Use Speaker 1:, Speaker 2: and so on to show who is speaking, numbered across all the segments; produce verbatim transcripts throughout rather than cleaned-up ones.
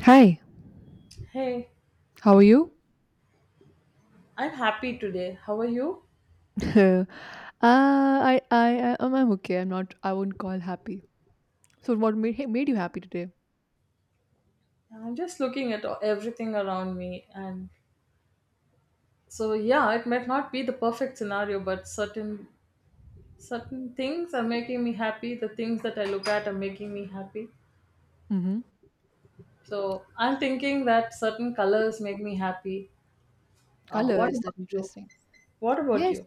Speaker 1: Hi,
Speaker 2: Hey,
Speaker 1: how are you?
Speaker 2: I'm happy today. How are you?
Speaker 1: uh, I, I, I, am I'm okay. I'm not. I wouldn't call happy. So, what made hey, made you happy today?
Speaker 2: I'm just looking at everything around me, and so yeah, it might not be the perfect scenario, but certain certain things are making me happy. The things that I look at are making me happy.
Speaker 1: Mm-hmm.
Speaker 2: So I'm thinking that certain colors make me happy. Uh,
Speaker 1: Color
Speaker 2: what
Speaker 1: is that
Speaker 2: about you?
Speaker 1: interesting?
Speaker 2: What about
Speaker 1: Yes.
Speaker 2: you?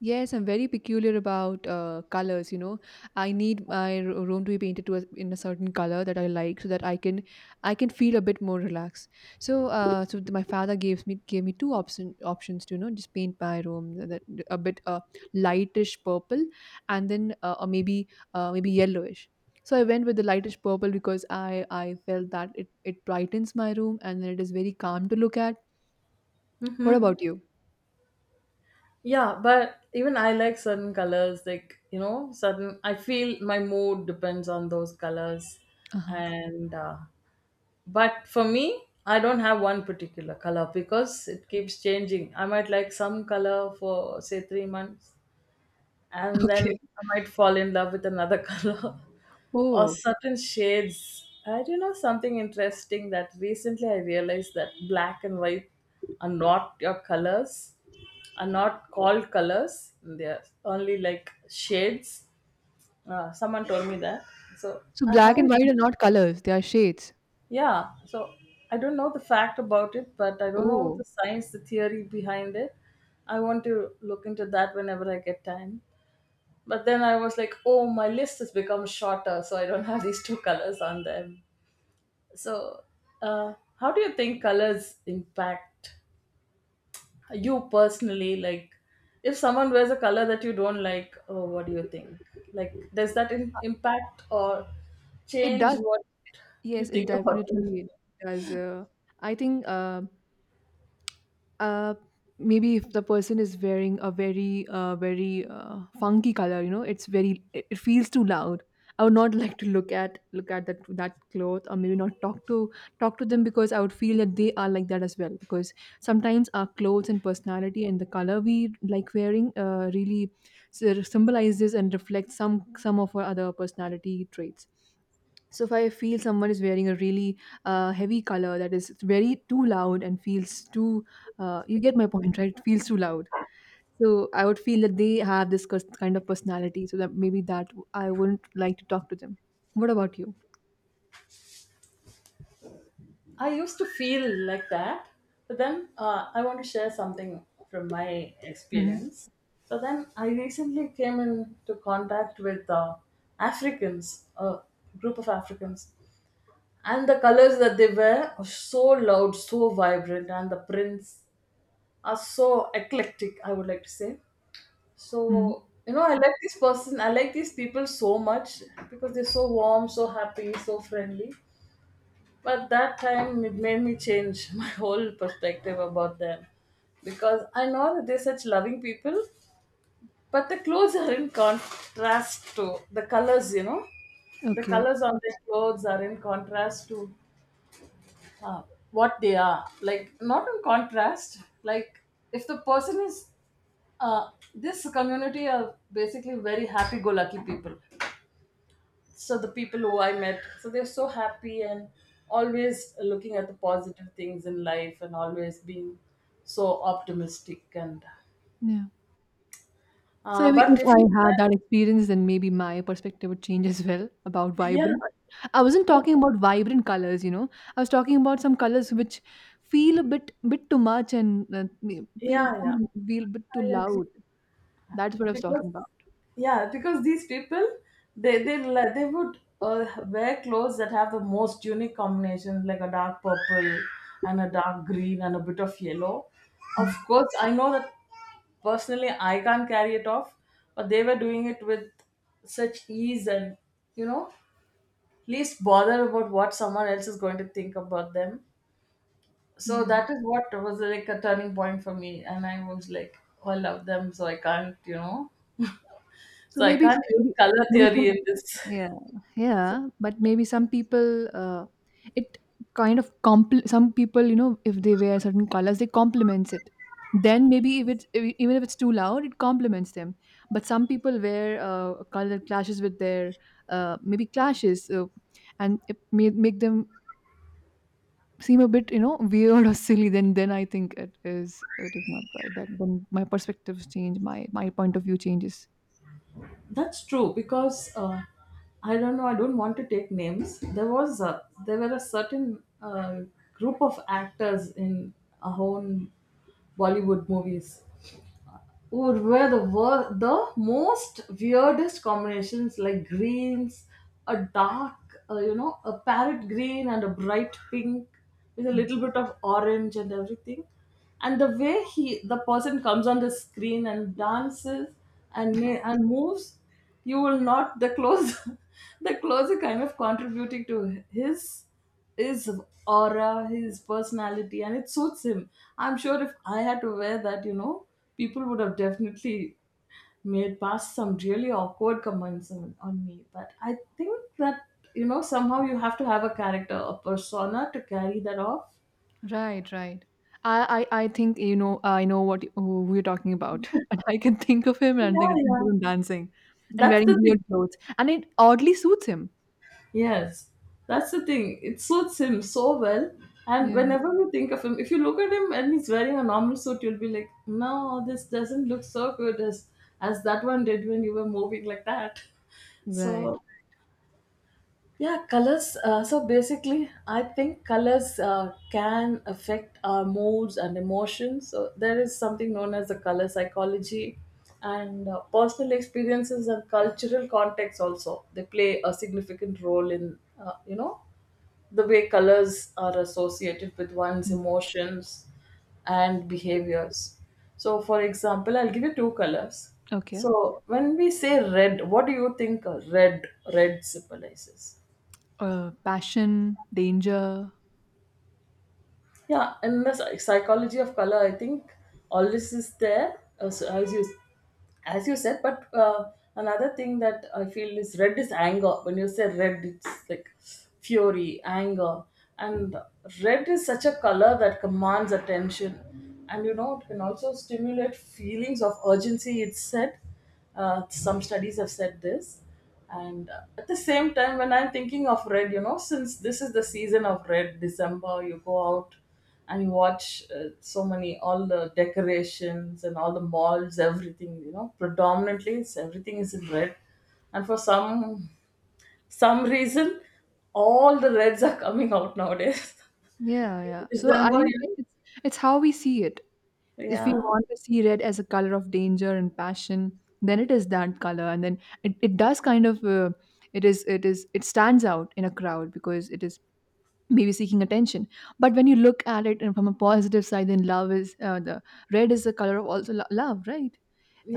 Speaker 1: Yes, I'm very peculiar about uh, colors, you know. I need my r- room to be painted to a, in a certain color that I like so that I can I can feel a bit more relaxed. So uh, so th- my father gave me gave me two option, options to you know just paint my room th- that a bit uh, lightish purple, and then uh, or maybe uh, maybe yellowish. So I went with the lightish purple because I I felt that it it brightens my room, and then it is very calm to look at. What
Speaker 2: Mm-hmm.
Speaker 1: about you?
Speaker 2: Yeah, but even I like certain colors, like, you know, certain, I feel my mood depends on those colors.
Speaker 1: Uh-huh.
Speaker 2: And uh, but for me, I don't have one particular color because it keeps changing. I might like some color for say three months, and then
Speaker 1: Okay.
Speaker 2: I might fall in love with another color, or
Speaker 1: Oh.
Speaker 2: certain shades. I do know something interesting, that recently I realized that black and white are not your colors are not called colors, they're only like shades. Uh, someone told me that, so
Speaker 1: So
Speaker 2: i
Speaker 1: black and
Speaker 2: haven't
Speaker 1: white are not colors, they are shades.
Speaker 2: yeah, so I don't know the fact about it, but I don't know
Speaker 1: Oh,
Speaker 2: the science, the theory behind it. I want to look into that whenever I get time. But then I was like, oh, my list has become shorter, so I don't have these two colors on them. So, uh, how do you think colors impact you personally? Like, if someone wears a color that you don't like, oh, what do you think? Like, does that in-
Speaker 1: uh,
Speaker 2: impact or
Speaker 1: it
Speaker 2: change
Speaker 1: does.
Speaker 2: what you
Speaker 1: Yes, it
Speaker 2: think about them?
Speaker 1: definitely does. Uh, I think uh, uh, maybe if the person is wearing a very uh, very uh, funky color, you know it's very it it feels too loud. I would not like to look at look at that that cloth, or maybe not talk to talk to them, because I would feel that they are like that as well, because sometimes our clothes and personality and the color we like wearing uh, really sort of symbolizes and reflects some some of our other personality traits. So if I feel someone is wearing a really uh, heavy color that is very too loud and feels too, uh, you get my point, right? It feels too loud. So I would feel that they have this cus- kind of personality. So that maybe that I wouldn't like to talk to them. What about you?
Speaker 2: I used to feel like that, but then uh, I want to share something from my
Speaker 1: Mm-hmm.
Speaker 2: experience. So then I recently came into contact with uh, Africans, a group of Africans, and the colors that they wear are so loud, so vibrant, and the prints are so eclectic, I would like to say.
Speaker 1: Mm-hmm.
Speaker 2: So, you know, I like this person, I like these people so much because they're so warm, so happy, so friendly. But that time it made me change my whole perspective about them, because I know that they're such loving people, but the clothes are in contrast to the colors, you know. The
Speaker 1: Okay.
Speaker 2: colors on their clothes are in contrast to uh, what they are. Like, not in contrast, like, if the person is uh, this community are basically very happy go lucky people. So the people who I met, so they're so happy and always looking at the positive things in life and always being so optimistic, and
Speaker 1: Yeah. So
Speaker 2: uh,
Speaker 1: maybe
Speaker 2: but
Speaker 1: if
Speaker 2: if
Speaker 1: I
Speaker 2: you
Speaker 1: had that experience, then maybe my perspective would change as well about
Speaker 2: yeah
Speaker 1: vibrant. I wasn't
Speaker 2: but,
Speaker 1: talking about vibrant colors, you know. I was talking about some colors which feel a bit bit too much and uh, me- feel
Speaker 2: yeah yeah,
Speaker 1: feel a bit too
Speaker 2: I agree,
Speaker 1: loud. That's what I was
Speaker 2: because
Speaker 1: talking about.
Speaker 2: yeah, because these people, they they li- they would uh, wear clothes that have the most unique combinations, like a dark purple and a dark green and a bit of yellow. Of
Speaker 1: Hmm.
Speaker 2: course I know that personally I can't carry it off, but they were doing it with such ease, and, you know, least bother about what someone else is going to think about them. So
Speaker 1: Yeah.
Speaker 2: that is what was like a turning point for me, and I was like, oh, I love them, so I can't, you know.
Speaker 1: So
Speaker 2: So I
Speaker 1: maybe
Speaker 2: can't use
Speaker 1: maybe
Speaker 2: color
Speaker 1: maybe some
Speaker 2: theory in this.
Speaker 1: Yeah, yeah, but maybe some people, uh, it kind of compl- some people, you know, if they wear certain colors, they complements it. Then maybe if it's if, even if it's too loud, it complements them. But some people wear uh, a color that clashes with their uh, maybe clashes, so, and it may make them seem a bit, you know, weird or silly. Then then I think it is it is not right. That then my perspectives change, my my point of view changes.
Speaker 2: That's true, because uh, I don't know. I don't want to take names. There was a, there were a certain uh, group of actors in our own Bollywood movies, would wear the wor- the most weirdest combinations like greens, a dark uh, you know, a parrot green and a bright pink with a little bit of orange and everything. And the way he the person comes on the screen and dances and ma- and moves, you will not the clothes. The clothes are kind of contributing to his his aura, his personality, and it suits him. I'm sure if I had to wear that, you know, people would have definitely made past some really awkward comments on, on me. But I think that, you know, somehow you have to have a character, a persona to carry that off.
Speaker 1: Right, right. I, I, I think you know I know what you- who you're talking about. And I can think of him,
Speaker 2: Yeah,
Speaker 1: and I can think of
Speaker 2: yeah.
Speaker 1: him dancing and
Speaker 2: That's
Speaker 1: wearing
Speaker 2: the
Speaker 1: weird
Speaker 2: thing.
Speaker 1: clothes, and it oddly suits him.
Speaker 2: Yes, that's the thing. It suits him so well. And
Speaker 1: Yeah.
Speaker 2: whenever you think of him, if you look at him and he's wearing a normal suit, you'll be like, no, this doesn't look so good as as that one did when you were moving like that.
Speaker 1: Right.
Speaker 2: So yeah, colors. Uh, so basically, I think colors uh, can affect our moods and emotions. So there is something known as the color psychology, and uh, personal experiences and cultural context, also they play a significant role in uh, you know, the way colors are associated with one's
Speaker 1: Mm.
Speaker 2: emotions and behaviors. So, for example, I'll give you two colors.
Speaker 1: Okay.
Speaker 2: So when we say red, what do you think uh, red red symbolizes?
Speaker 1: Uh, passion, danger.
Speaker 2: Yeah, and the psy- psychology of color, I think all this is there as, as you as you said. But uh, another thing that I feel is, red is anger. When you say red, it's like fury, anger, and red is such a color that commands attention, and you know it can also stimulate feelings of urgency. It's said, uh, some studies have said this. And uh, at the same time, when I'm thinking of red, you know, since this is the season of red, December, you go out and you watch, uh, so many, all the decorations and all the malls, everything, you know, predominantly it's, everything is in red. And for some some reason, all the reds are coming out nowadays.
Speaker 1: Yeah, yeah. So I
Speaker 2: December,
Speaker 1: think
Speaker 2: you
Speaker 1: it-
Speaker 2: know?
Speaker 1: it's it's how we see it. If we
Speaker 2: Yeah,
Speaker 1: want to see red as a color of danger and passion, then it is that color, and then it, it does kind of, uh, it is it is it stands out in a crowd because it is maybe seeking attention. But when you look at it and from a positive side, then love is, uh, the red is the color of also lo- love, right?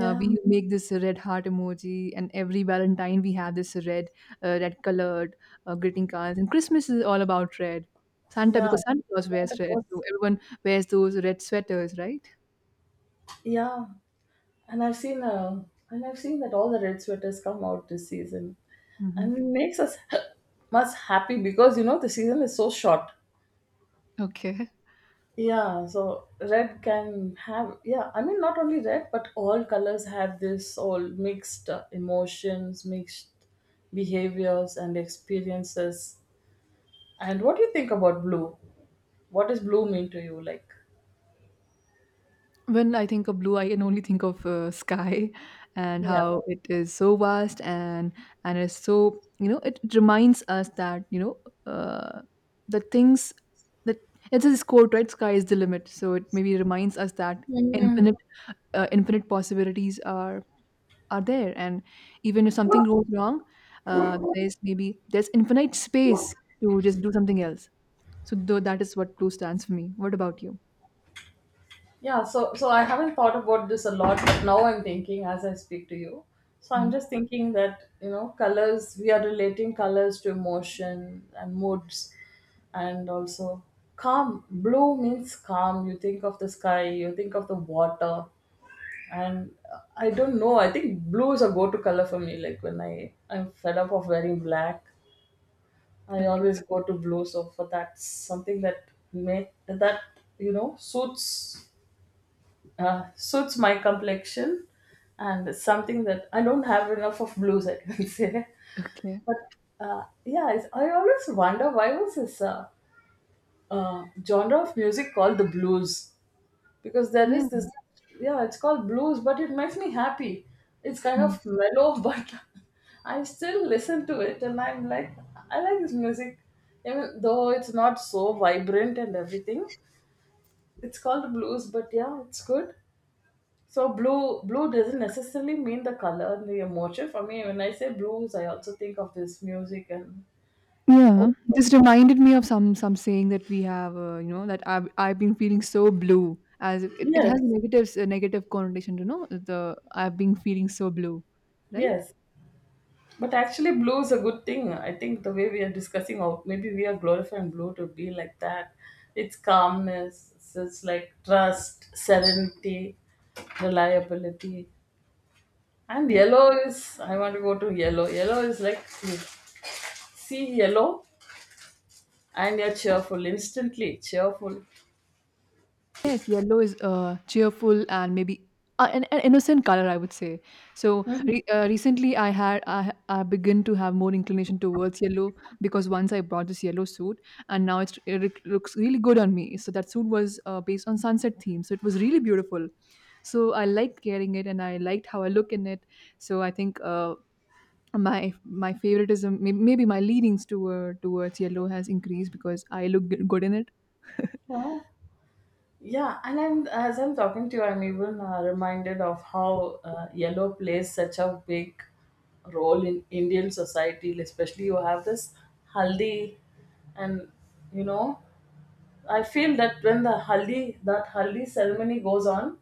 Speaker 1: uh, we Mhm. make this red heart emoji, and every Valentine we have this red, uh, red colored, uh, greeting cards. And Christmas is all about red. Santa,
Speaker 2: yeah,
Speaker 1: because Santa Claus wears red, so everyone wears those red sweaters, right?
Speaker 2: yeah. And I've seen uh, and I've seen that all the red sweaters come out this season, and
Speaker 1: Hmm.
Speaker 2: it makes us much happy because you know the season is so short.
Speaker 1: Okay.
Speaker 2: Yeah, so red can have yeah. I mean, not only red, but all colors have this all mixed uh, emotions, mixed behaviors and experiences. And what do you think about blue? What does blue mean to you? Like,
Speaker 1: When I think of blue, I can only think of uh, sky, and
Speaker 2: yeah,
Speaker 1: how it is so vast, and and it's so, you know it reminds us that, you know uh, the things that it's this quote, right, sky is the limit, so it maybe reminds us that
Speaker 2: Mhm.
Speaker 1: infinite, uh, infinite possibilities are are there. And even if something goes wrong, uh, there's maybe there's infinite space to just do something else. So though that is what blue stands for me. What about you?
Speaker 2: Yeah, so so I haven't thought about this a lot, but now I'm thinking as I speak to you. So I'm
Speaker 1: Hmm.
Speaker 2: just thinking that, you know, colors, we are relating colors to emotion and moods, and also calm. Blue means calm. You think of the sky, you think of the water. And uh, I don't know, I think blue is a go-to color for me. Like when I, I'm fed up of wearing black, I
Speaker 1: Okay.
Speaker 2: always go to blue. So for that's something that may that, you know, suits uh, suits my complexion, and something that I don't have enough of blues, I can say.
Speaker 1: Okay.
Speaker 2: But uh, yeah, it's, I always wonder, why was this uh, uh, genre of music called the blues? Because there
Speaker 1: Yeah.
Speaker 2: is this, yeah, it's called blues, but it makes me happy. It's kind
Speaker 1: Mm.
Speaker 2: of mellow, but I still listen to it and I'm like, I like this music. Even though it's not so vibrant and everything, it's called blues, but yeah, it's good. So blue blue doesn't necessarily mean the color and the emotion. For me, when I say blues, I also think of this music and
Speaker 1: Yeah,
Speaker 2: oh
Speaker 1: this reminded me of some some saying that we have, uh, you know, that I've I've been feeling so blue, as it, it has
Speaker 2: yes,
Speaker 1: negatives a negative connotation, you know, the I've been feeling so blue, right?
Speaker 2: yes. But actually, blue is a good thing. I think the way we are discussing, or maybe we are glorifying blue to be like that. It's calmness. It's it's like trust, serenity, reliability. And yellow is. I want to go to yellow. Yellow is like you see yellow, and you're cheerful instantly. Cheerful.
Speaker 1: Yes, yellow is uh, cheerful, and maybe uh, an, an innocent color, I would say. So
Speaker 2: Mhm.
Speaker 1: re- uh, recently, I had I, ha- I began to have more inclination towards yellow because once I bought this yellow suit, and now it's, it look- looks really good on me. So that suit was uh, based on sunset theme, so it was really beautiful. So I liked wearing it, and I liked how I look in it. So I think uh, my my favoritism, may- maybe my leanings toward towards yellow has increased because I look g- good in it.
Speaker 2: Yeah. Yeah, and I'm, as I'm talking to you, I'm even uh, reminded of how uh, yellow plays such a big role in Indian society. Especially, you have this haldi, and you know, I feel that when the haldi that haldi ceremony goes on,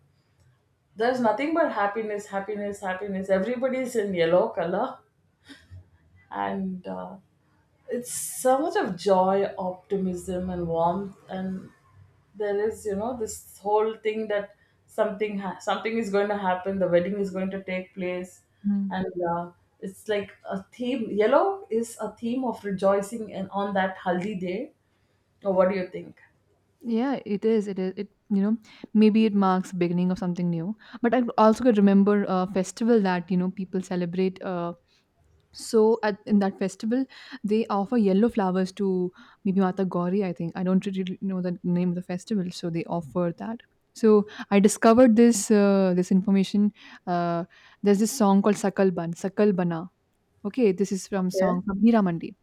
Speaker 2: there's nothing but happiness, happiness, happiness. Everybody's in yellow color, and uh, it's so much of joy, optimism, and warmth. And there is, you know, this whole thing that something ha- something is going to happen. The wedding is going to take place,
Speaker 1: Mm.
Speaker 2: and uh, it's like a theme. Yellow is a theme of rejoicing, and on that haldi day. Oh, what do you think?
Speaker 1: Yeah, it is. It is. It, you know maybe it marks beginning of something new. But I also could remember a festival that you know people celebrate. Uh, so at in that festival, they offer yellow flowers to maybe Mata Gauri. I think I don't really know the name of the festival, so they offer that. So I discovered this uh, this information. Uh, there's this song called Sakal Ban, Sakal Bana. Okay, this is from
Speaker 2: Okay.
Speaker 1: song from Hira Mandi.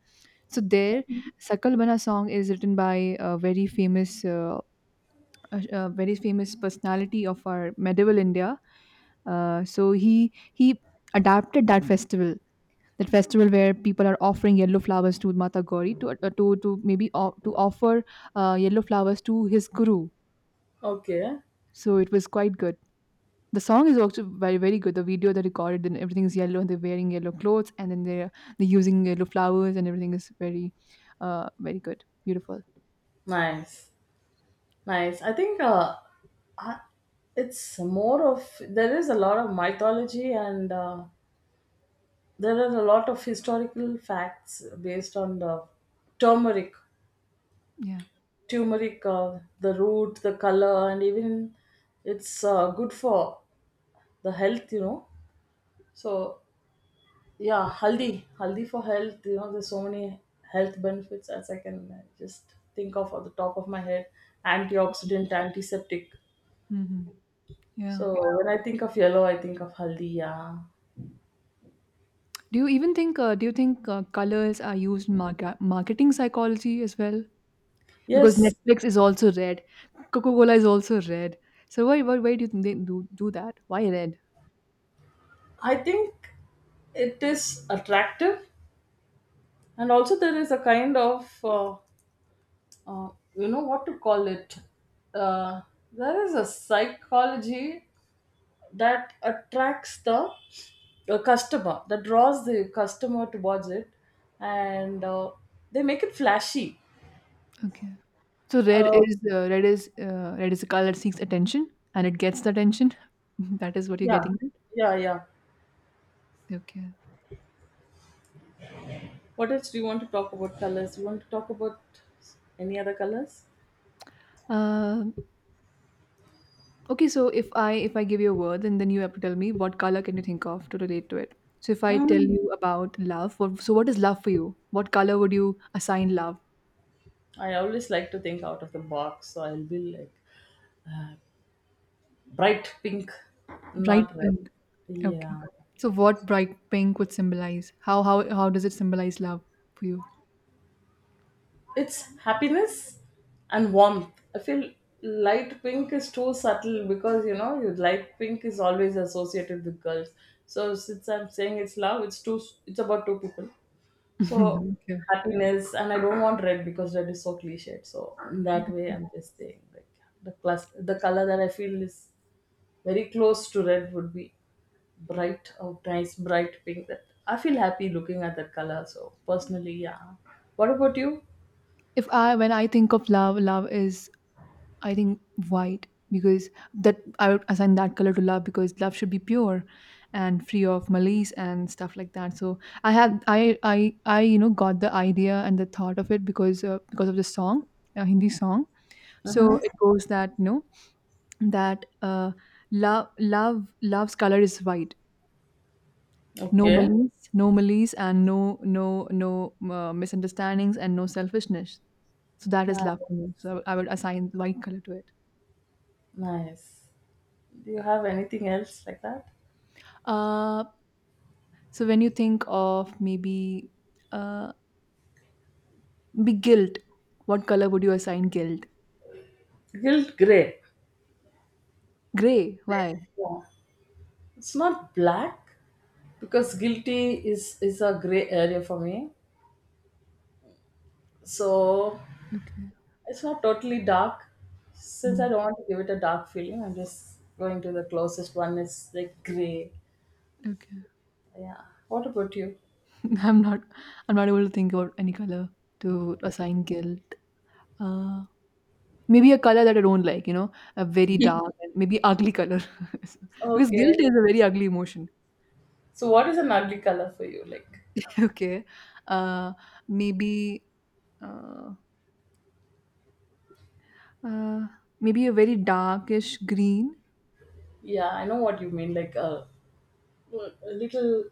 Speaker 1: So there, Sakal Bana song is written by a very famous. Uh, a, a very famous personality of our medieval India. Uh, so he he adapted that festival, that festival where people are offering yellow flowers to Mata Gauri to uh, to to maybe o- to offer uh, yellow flowers to his guru.
Speaker 2: Okay.
Speaker 1: So it was quite good. The song is also very very good. The video they recorded, and everything is yellow, and they're wearing yellow clothes, and then they're they're using yellow flowers, and everything is very, uh, very good, beautiful.
Speaker 2: Nice. Nice. I think, uh, I, it's more of there is a lot of mythology and. Uh, There are a lot of historical facts based on the turmeric,
Speaker 1: Yeah.
Speaker 2: turmeric, uh, the root, the color, and even it's uh, good for the health, you know. So yeah, haldi, haldi for health. You know, there's so many health benefits as I can uh, just think of at the top of my head. Antioxidant, antiseptic.
Speaker 1: Hmm. Yeah.
Speaker 2: So when I think of yellow, I think of haldi. Yeah.
Speaker 1: Do you even think uh, do you think uh, colors are used in market marketing psychology as well? Because
Speaker 2: Yes,
Speaker 1: Netflix is also red, Coca-Cola is also red. So why why, why do you think they do do that? Why red?
Speaker 2: I think it is attractive, and also there is a kind of uh, uh, you know, what to call it, uh, there is a psychology that attracts the uh, customer, that draws the customer towards it, and uh, they make it flashy.
Speaker 1: Okay. So red
Speaker 2: uh,
Speaker 1: is uh, red is uh, red is a color that seeks attention, and it gets the attention. That is what you're
Speaker 2: yeah,
Speaker 1: getting
Speaker 2: yeah, yeah.
Speaker 1: at? Okay.
Speaker 2: What else do you want to talk about colors? You want to talk about any other colors?
Speaker 1: Um okay. So if I if I give you a word, and then then you have to tell me what color can you think of to relate to it. So if I tell
Speaker 2: Hmm.
Speaker 1: you about love, what, so what is love for you? What color would you assign love?
Speaker 2: I always like to think out of the box, so I'll be like bright pink,
Speaker 1: Bright
Speaker 2: not red.
Speaker 1: pink. Okay.
Speaker 2: Yeah,
Speaker 1: So what bright pink would symbolize? How how how does it symbolize love for you?
Speaker 2: it's happiness and warmth I feel. Light pink is too subtle because, you know, you light pink is always associated with girls. So since I'm saying it's love, it's two it's about two people. So
Speaker 1: Okay.
Speaker 2: happiness, and I don't want red because red is so cliched. So in that way I'm just saying, like, the class the color that I feel is very close to red would be bright, oh nice, bright pink. That I feel happy looking at that color, so personally, yeah. What about you?
Speaker 1: If I when I think of love, love is, I think, white, because that I would assign that color to love because love should be pure and free of malice and stuff like that. So I had I I I you know got the idea and the thought of it because uh, because of the song, a Hindi song. So it goes that, you know that uh, love love love's color is white. No
Speaker 2: Okay,
Speaker 1: malice, no malice, and no, no, no uh, misunderstandings, and no selfishness. So that is
Speaker 2: nice,
Speaker 1: love for me, so I would assign white color to it.
Speaker 2: nice. Do you have anything else like that?
Speaker 1: Uh so when you think of maybe uh be guilt, what color would you assign guilt?
Speaker 2: Guilt, gray.
Speaker 1: Gray. Why?
Speaker 2: Yeah, it's not black because guilty is is a gray area for me, so
Speaker 1: Okay.
Speaker 2: it's not totally dark. Since I
Speaker 1: Hmm.
Speaker 2: don't want to give it a dark feeling, I'm just going to the closest one is like gray.
Speaker 1: Okay.
Speaker 2: Yeah, what about you?
Speaker 1: i'm not i'm not able to think about any color to assign guilt uh Maybe a color that I don't like, you know, a very dark and maybe ugly color. Because guilt
Speaker 2: Okay.
Speaker 1: is a very ugly emotion.
Speaker 2: So, what is an ugly color for you? Like,
Speaker 1: Okay. Uh, maybe uh, uh, maybe a very darkish green.
Speaker 2: yeah, I know what you mean. Like a, a little,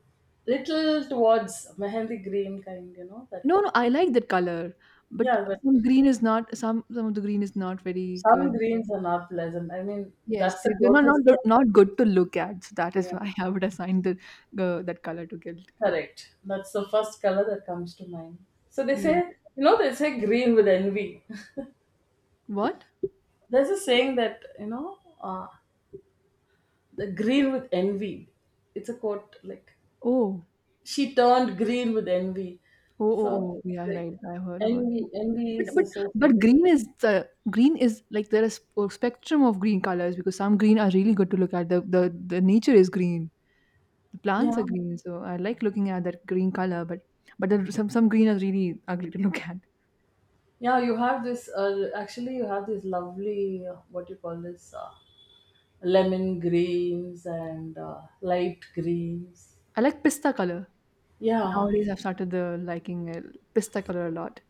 Speaker 2: little towards mehendi green kind. You know that.
Speaker 1: No, no, I like that color, but
Speaker 2: Yeah, but
Speaker 1: some green is not some some of the green is not very
Speaker 2: some
Speaker 1: good.
Speaker 2: greens are not pleasant. I mean,
Speaker 1: Yes,
Speaker 2: that's
Speaker 1: they,
Speaker 2: the
Speaker 1: they're not,
Speaker 2: closest
Speaker 1: not
Speaker 2: one.
Speaker 1: not good to look at. So that is
Speaker 2: Yeah.
Speaker 1: why I would assign the uh, that color to guilt.
Speaker 2: Correct. That's the first color that comes to mind. So they
Speaker 1: Yeah.
Speaker 2: say, you know, they say green with envy.
Speaker 1: What?
Speaker 2: There's a saying that you know, uh, the green with envy. It's a quote like
Speaker 1: Oh.
Speaker 2: she turned green with envy.
Speaker 1: Oh, oh,
Speaker 2: So
Speaker 1: oh, yeah,
Speaker 2: like
Speaker 1: right. I heard about that.
Speaker 2: envy, envy
Speaker 1: But
Speaker 2: is
Speaker 1: but but
Speaker 2: associated with,
Speaker 1: green is the green is like there is a spectrum of green colors because some green are really good to look at. The the, the nature is green. The plants are
Speaker 2: yeah,
Speaker 1: green, so I like looking at that green color. But but there, some some green are really ugly to look at.
Speaker 2: yeah. You have this. Uh, actually, you have these lovely uh, what you call this uh, lemon greens and uh, light greens.
Speaker 1: I like pista color.
Speaker 2: Yeah,
Speaker 1: Nowadays, I've started the liking uh, pista color a lot.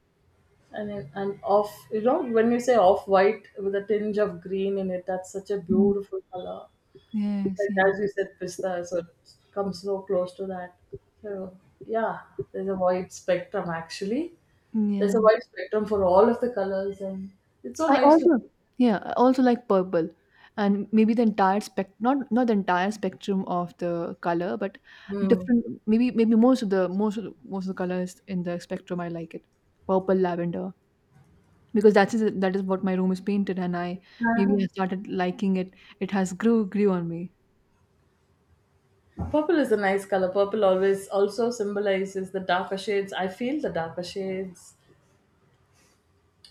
Speaker 2: and then- and off. You know, when you say off white with a tinge of green in it, that's such a
Speaker 1: Mm.
Speaker 2: beautiful color.
Speaker 1: Yes,
Speaker 2: Like
Speaker 1: yeah,
Speaker 2: as you said, pista, so it comes so close to that. So yeah, there's a wide spectrum actually.
Speaker 1: yeah.
Speaker 2: There's a wide spectrum for all of the colors, and it's so
Speaker 1: I
Speaker 2: nice to.
Speaker 1: also yeah, I also like purple, and maybe the entire spec not not the entire spectrum of the color, but
Speaker 2: Hmm.
Speaker 1: different maybe maybe most of the most of the, most of the colors in the spectrum I like it, purple lavender because that is that is what my room is painted, and I maybe I started liking it. It has grew grew on me.
Speaker 2: Purple is a nice color. Purple always also symbolizes the darker shades. I feel the darker shades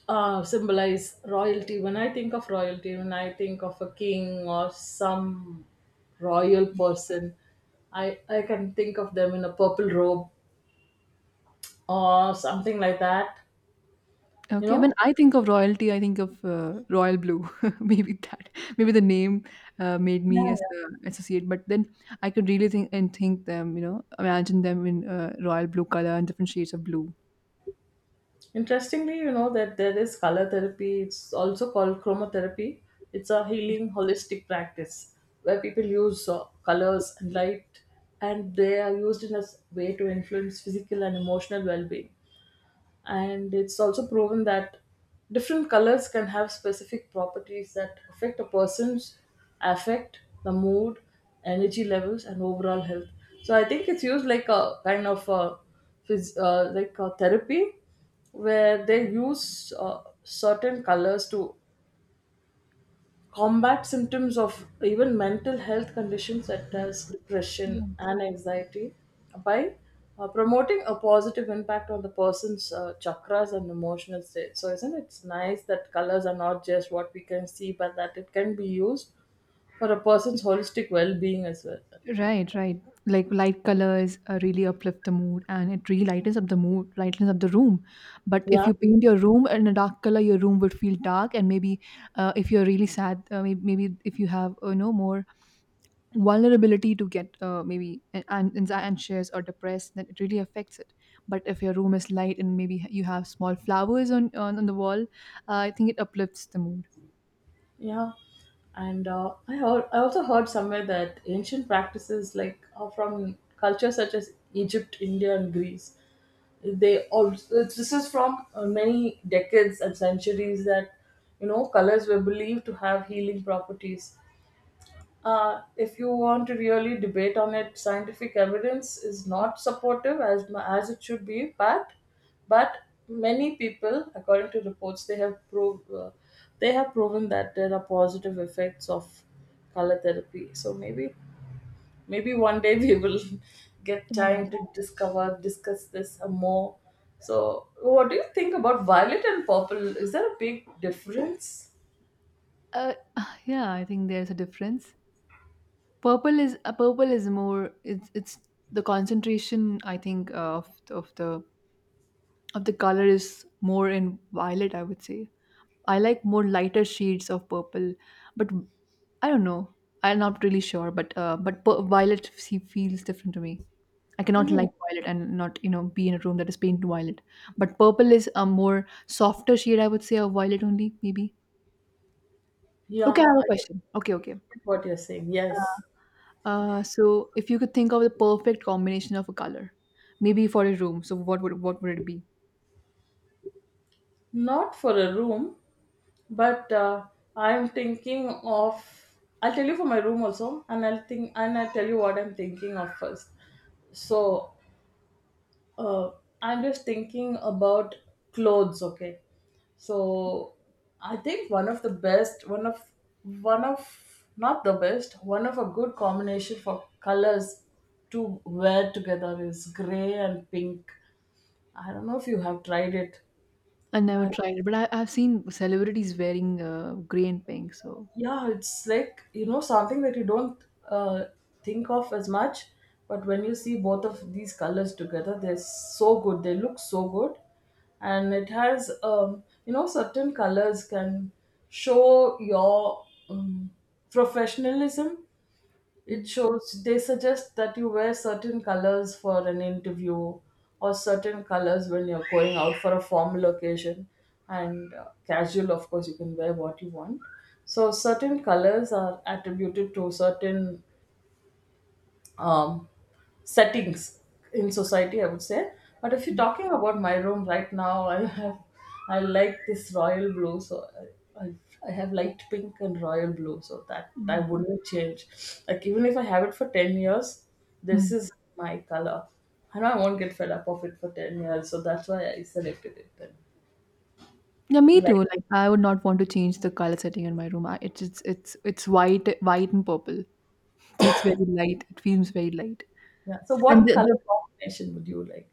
Speaker 2: uh, symbolize royalty. When I think of royalty, when I think of a king or some royal person, I, I can think of them in a purple robe or something like that. You
Speaker 1: Okay, when
Speaker 2: know,
Speaker 1: I think of royalty, I think of uh, royal blue. Maybe that, maybe the name uh, made
Speaker 2: yeah,
Speaker 1: me as,
Speaker 2: yeah.
Speaker 1: uh, associate. But then I could really think and think them, you know, imagine them in uh, royal blue color and different shades of blue.
Speaker 2: Interestingly, you know, that there is color therapy, it's also called chromotherapy. It's a healing holistic practice where people use uh, colors and light, and they are used in a s- way to influence physical and emotional well-being. And it's also proven that different colors can have specific properties that affect a person's affect the mood, energy levels and overall health. So I think it's used like a kind of a phys- uh, like a therapy where they use uh, certain colors to combat symptoms of even mental health conditions such as
Speaker 1: Yeah.
Speaker 2: depression and anxiety, by uh, promoting a positive impact on the person's uh, chakras and emotional state. So, isn't it nice that colors are not just what we can see, but that it can be used for a person's holistic well-being as well?
Speaker 1: Right, right. Like light colors uh, really uplift the mood, and it really lightens up the mood, lightens up the room. But if
Speaker 2: Yeah,
Speaker 1: you paint your room in a dark color, your room would feel dark, and maybe uh, if you're really sad, uh, maybe, maybe if you have uh, you know more vulnerability to get uh, maybe an- an- anxi- anxious or depressed, then it really affects it. But if your room is light and maybe you have small flowers on on, on the wall, uh, I think it uplifts the mood.
Speaker 2: yeah. And uh, I, heard, I also heard somewhere that ancient practices like are from cultures such as Egypt, India, and Greece, they also, this is from uh, many decades and centuries that, you know, colors were believed to have healing properties. Uh, if you want to really debate on it, scientific evidence is not supportive as mu- as it should be, but but many people according to reports they have proved uh, they have proven that there are positive effects of color therapy. So maybe, maybe one day we will get time to discover discuss this more. So what do you think about violet and purple? Is there a big difference?
Speaker 1: uh, yeah, I think there's a difference. Purple is uh, purple is more, it's it's the concentration, I think, uh, of of the of the color is more in violet, I would say. I like more lighter shades of purple, but I don't know. I'm not really sure, but uh, but pu- violet se- feels different to me. I cannot like
Speaker 2: Mhm.
Speaker 1: violet and not, you know, be in a room that is painted violet. But purple is a more softer shade, I would say, of violet only maybe. Okay, I
Speaker 2: Yeah,
Speaker 1: have a
Speaker 2: I get
Speaker 1: question. Okay, okay.
Speaker 2: what you're saying, yes.
Speaker 1: Uh, uh, so if you could think of the perfect combination of a color, maybe for a room, so what would what would it be?
Speaker 2: Not for a room, but uh, I'm thinking of, I'll tell you for my room also, and I'll think and I'll tell you what I'm thinking of first. So Uh, I'm just thinking about clothes, okay? So I think one of the best, one of one of, not the best, one of a good combination for colors to wear together is gray and pink. I don't know if you have tried it,
Speaker 1: I never
Speaker 2: but
Speaker 1: tried it, but I, I've seen celebrities wearing uh, gray and pink. So.
Speaker 2: yeah, it's like, you know, something that you don't uh, think of as much, but when you see both of these colors together, they're so good, they look so good. And it has, um, you know, certain colors can show your, um, professionalism. It
Speaker 1: Mm.
Speaker 2: shows, they suggest that you wear certain colors for an interview or certain colors when you're going out for a formal occasion, and uh, casual of course you can wear what you want. So certain colors are attributed to certain, um, settings in society, I would say. But if you're talking about my room right now, I have, I like this royal blue, so I, I, I have light pink and royal blue, so that I wouldn't change. Like even if I have it for ten years, this
Speaker 1: Mm.
Speaker 2: is my color. I know I won't get fed up of it for ten years, so that's why I selected it. Then,
Speaker 1: Yeah, me too.
Speaker 2: like,
Speaker 1: Like I would not want to change the color setting in my room. I, it's it's it's it's white, white and purple, so it's very light. It feels very light,
Speaker 2: yeah. So,
Speaker 1: and
Speaker 2: what
Speaker 1: the,
Speaker 2: color
Speaker 1: the
Speaker 2: combination would you like?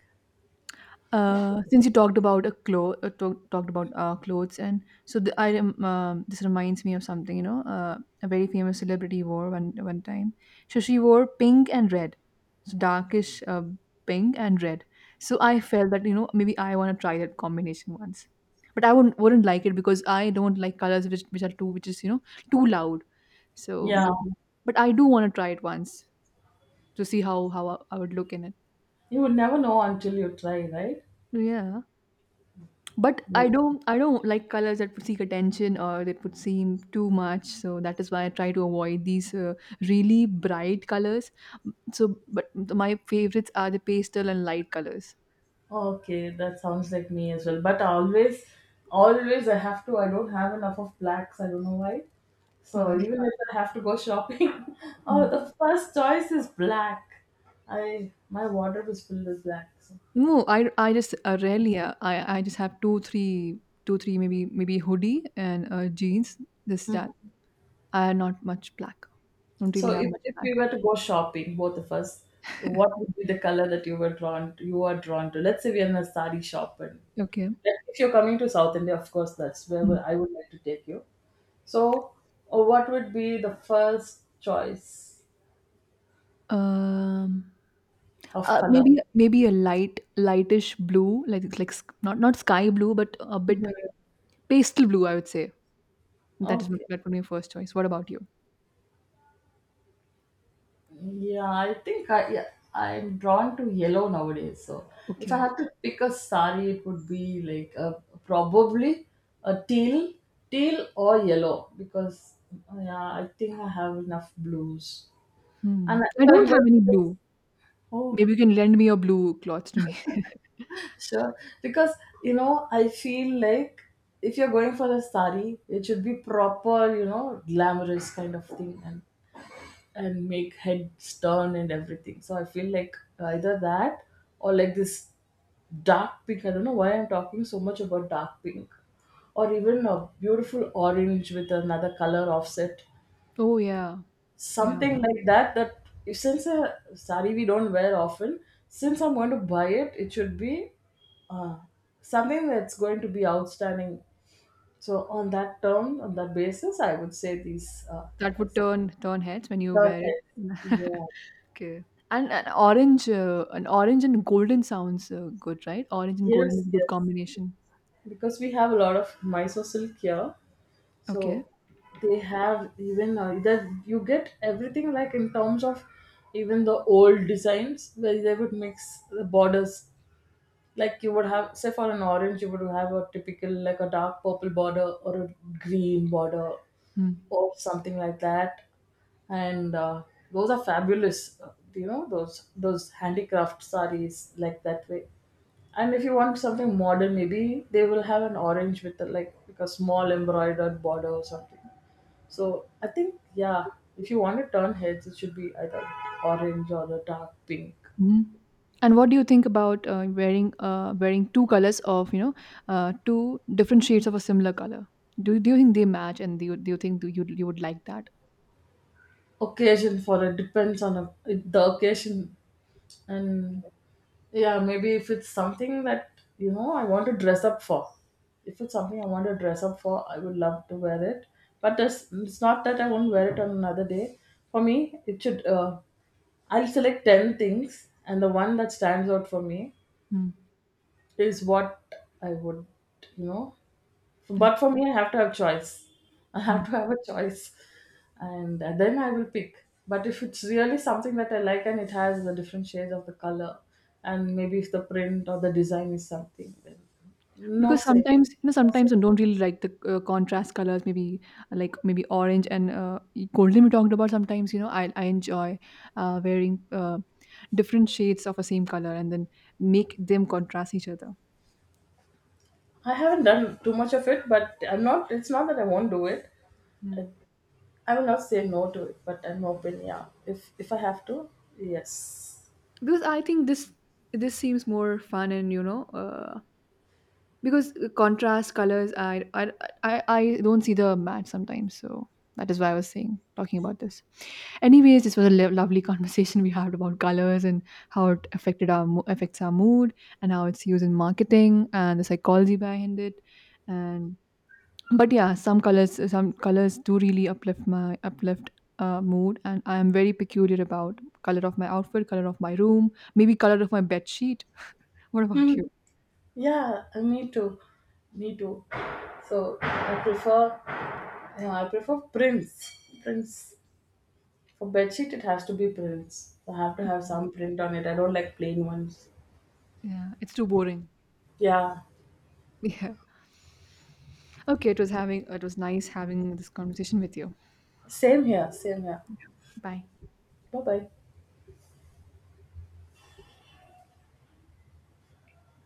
Speaker 1: Uh, since you talked about a clo- uh, to- talked about uh, clothes, and so the, I rem- um this reminds me of something. You know, uh, a very famous celebrity wore one one time. So she wore pink and red, so darkish uh, pink and red. So I felt that you know maybe I want to try that combination once, but I wouldn't wouldn't like it because I don't like colors which which are too, which is, you know, too loud. So
Speaker 2: Yeah,
Speaker 1: maybe, but I do want to try it once to see how how I, I would look in it.
Speaker 2: you would never know until you try, right?
Speaker 1: So, yeah. But
Speaker 2: Yeah.
Speaker 1: I don't I don't like colors that would seek attention or that would seem too much. So that is why I try to avoid these uh, really bright colors. So, but my favorites are the pastel and light colors.
Speaker 2: Okay, that sounds like me as well. But always, always I have to. I don't have enough of blacks. I don't know why. So
Speaker 1: Right.
Speaker 2: even if I have to go shopping, oh,
Speaker 1: Mm.
Speaker 2: the first choice is black. I, my wardrobe is filled with black. So.
Speaker 1: No, I, I just uh, rarely uh, I I just have two three two three maybe maybe hoodie and uh, jeans. This that I not much black. Don't really
Speaker 2: So
Speaker 1: have
Speaker 2: if,
Speaker 1: much
Speaker 2: if
Speaker 1: black.
Speaker 2: we were to go shopping, both of us, what would be the color that you were drawn to, you are drawn to? Let's say we are in a sari shop and
Speaker 1: Okay.
Speaker 2: like, if you're coming to South India, of course, that's where
Speaker 1: Mm.
Speaker 2: would- I would like to take you. So uh, what would be the first choice
Speaker 1: Um.
Speaker 2: of
Speaker 1: Uh,
Speaker 2: color?
Speaker 1: maybe maybe a light lightish blue, like it's like sk- not not sky blue, but a bit
Speaker 2: Mhm.
Speaker 1: pastel blue. I would say that is
Speaker 2: Okay.
Speaker 1: that would be my first choice. What about you?
Speaker 2: Yeah, I think I yeah, I'm drawn to yellow nowadays. So if I
Speaker 1: Okay.
Speaker 2: had to pick a sari, it would be like a, probably a teal, teal or yellow because, uh, yeah, I think I have enough blues.
Speaker 1: Hmm.
Speaker 2: And if
Speaker 1: I don't
Speaker 2: I'm going
Speaker 1: have any
Speaker 2: to,
Speaker 1: blue.
Speaker 2: oh
Speaker 1: Maybe you can lend me your blue clothes to me.
Speaker 2: sure, because, you know, I feel like if you're going for a sari, it should be proper, you know, glamorous kind of thing, and and make heads turn and everything. So I feel like either that or like this dark pink. I don't know why I'm talking so much about dark pink, or even a beautiful orange with another color offset,
Speaker 1: Oh yeah, yeah.
Speaker 2: something like that. That if- since a sari we don't wear often, since I'm going to buy it, it should be uh, something that's going to be outstanding. So on that term, on that basis, I would say these uh,
Speaker 1: That would
Speaker 2: colors.
Speaker 1: turn turn heads when you
Speaker 2: Turn
Speaker 1: wear
Speaker 2: heads.
Speaker 1: it.
Speaker 2: Yeah.
Speaker 1: Okay. And an orange, uh, an orange and golden sounds uh, good, right? Orange and golden is
Speaker 2: Yes,
Speaker 1: a good
Speaker 2: yes.
Speaker 1: combination.
Speaker 2: Because we have a lot of Mysore silk here,
Speaker 1: Okay.
Speaker 2: so they have even uh, that you get everything like in terms of even the old designs where they would mix the borders. Like you would have, say for an orange, you would have a typical like a dark purple border or a green border or something like that. And uh, those are fabulous, uh, you know, those those handicraft sarees like that way. And if you want something modern, maybe they will have an orange with a, like, like a small embroidered border or something. So I think, yeah, if you want to turn heads, it should be either orange or a dark pink.
Speaker 1: Mhm. And what do you think about uh, wearing uh, wearing two colors of, you know, uh, two different shades of a similar color? Do, do you think they match? And do you, do you think do you you would like that?
Speaker 2: Occasion for it Depends on a, the occasion. And yeah, maybe if it's something that, you know, I want to dress up for, if it's something I want to dress up for, I would love to wear it. But this, it's not that I won't wear it on another day. For me it should, uh, I'll select ten things and the one that stands out for me
Speaker 1: Mm.
Speaker 2: is what I would, you know. But
Speaker 1: Okay.
Speaker 2: for me, I have to have choice. I have
Speaker 1: Mm.
Speaker 2: to have a choice, and uh, then I will pick. But if it's really something that I like and it has the different shades of the color, and maybe if the print or the design is something, then no
Speaker 1: Because
Speaker 2: say.
Speaker 1: sometimes you know sometimes I don't really like the uh, contrast colors. Maybe like maybe orange and uh, golden, we talked about. Sometimes you know I I enjoy uh, wearing uh, different shades of a same color and then make them contrast each other.
Speaker 2: I haven't done too much of it, but I'm not, it's not that I won't do it. I,
Speaker 1: Mm.
Speaker 2: I will not say no to it, but I'm open. Yeah, if if I have to, yes.
Speaker 1: Because I think this this seems more fun and you know. Uh, because uh, Contrast colors, I, I i i don't see the match sometimes, so that is why I was saying talking about this. Anyways, this was a lo- lovely conversation we had about colors and how it affected our mo- affects our mood and how it's used in marketing and the psychology behind it. And but yeah, some colors some colors do really uplift my uplift uh, mood, and I am very peculiar about color of my outfit, color of my room, maybe color of my bed sheet. What about you?
Speaker 2: Hmm. Yeah, me too. Me too. So I prefer, yeah, I prefer prints. Prints. For bedsheet it has to be prints. So, I have to have some print on it. I don't like plain ones.
Speaker 1: Yeah, it's too boring.
Speaker 2: Yeah.
Speaker 1: Yeah. Okay, it was having it was nice having this conversation with you.
Speaker 2: Same here, same here.
Speaker 1: Bye.
Speaker 2: Bye bye.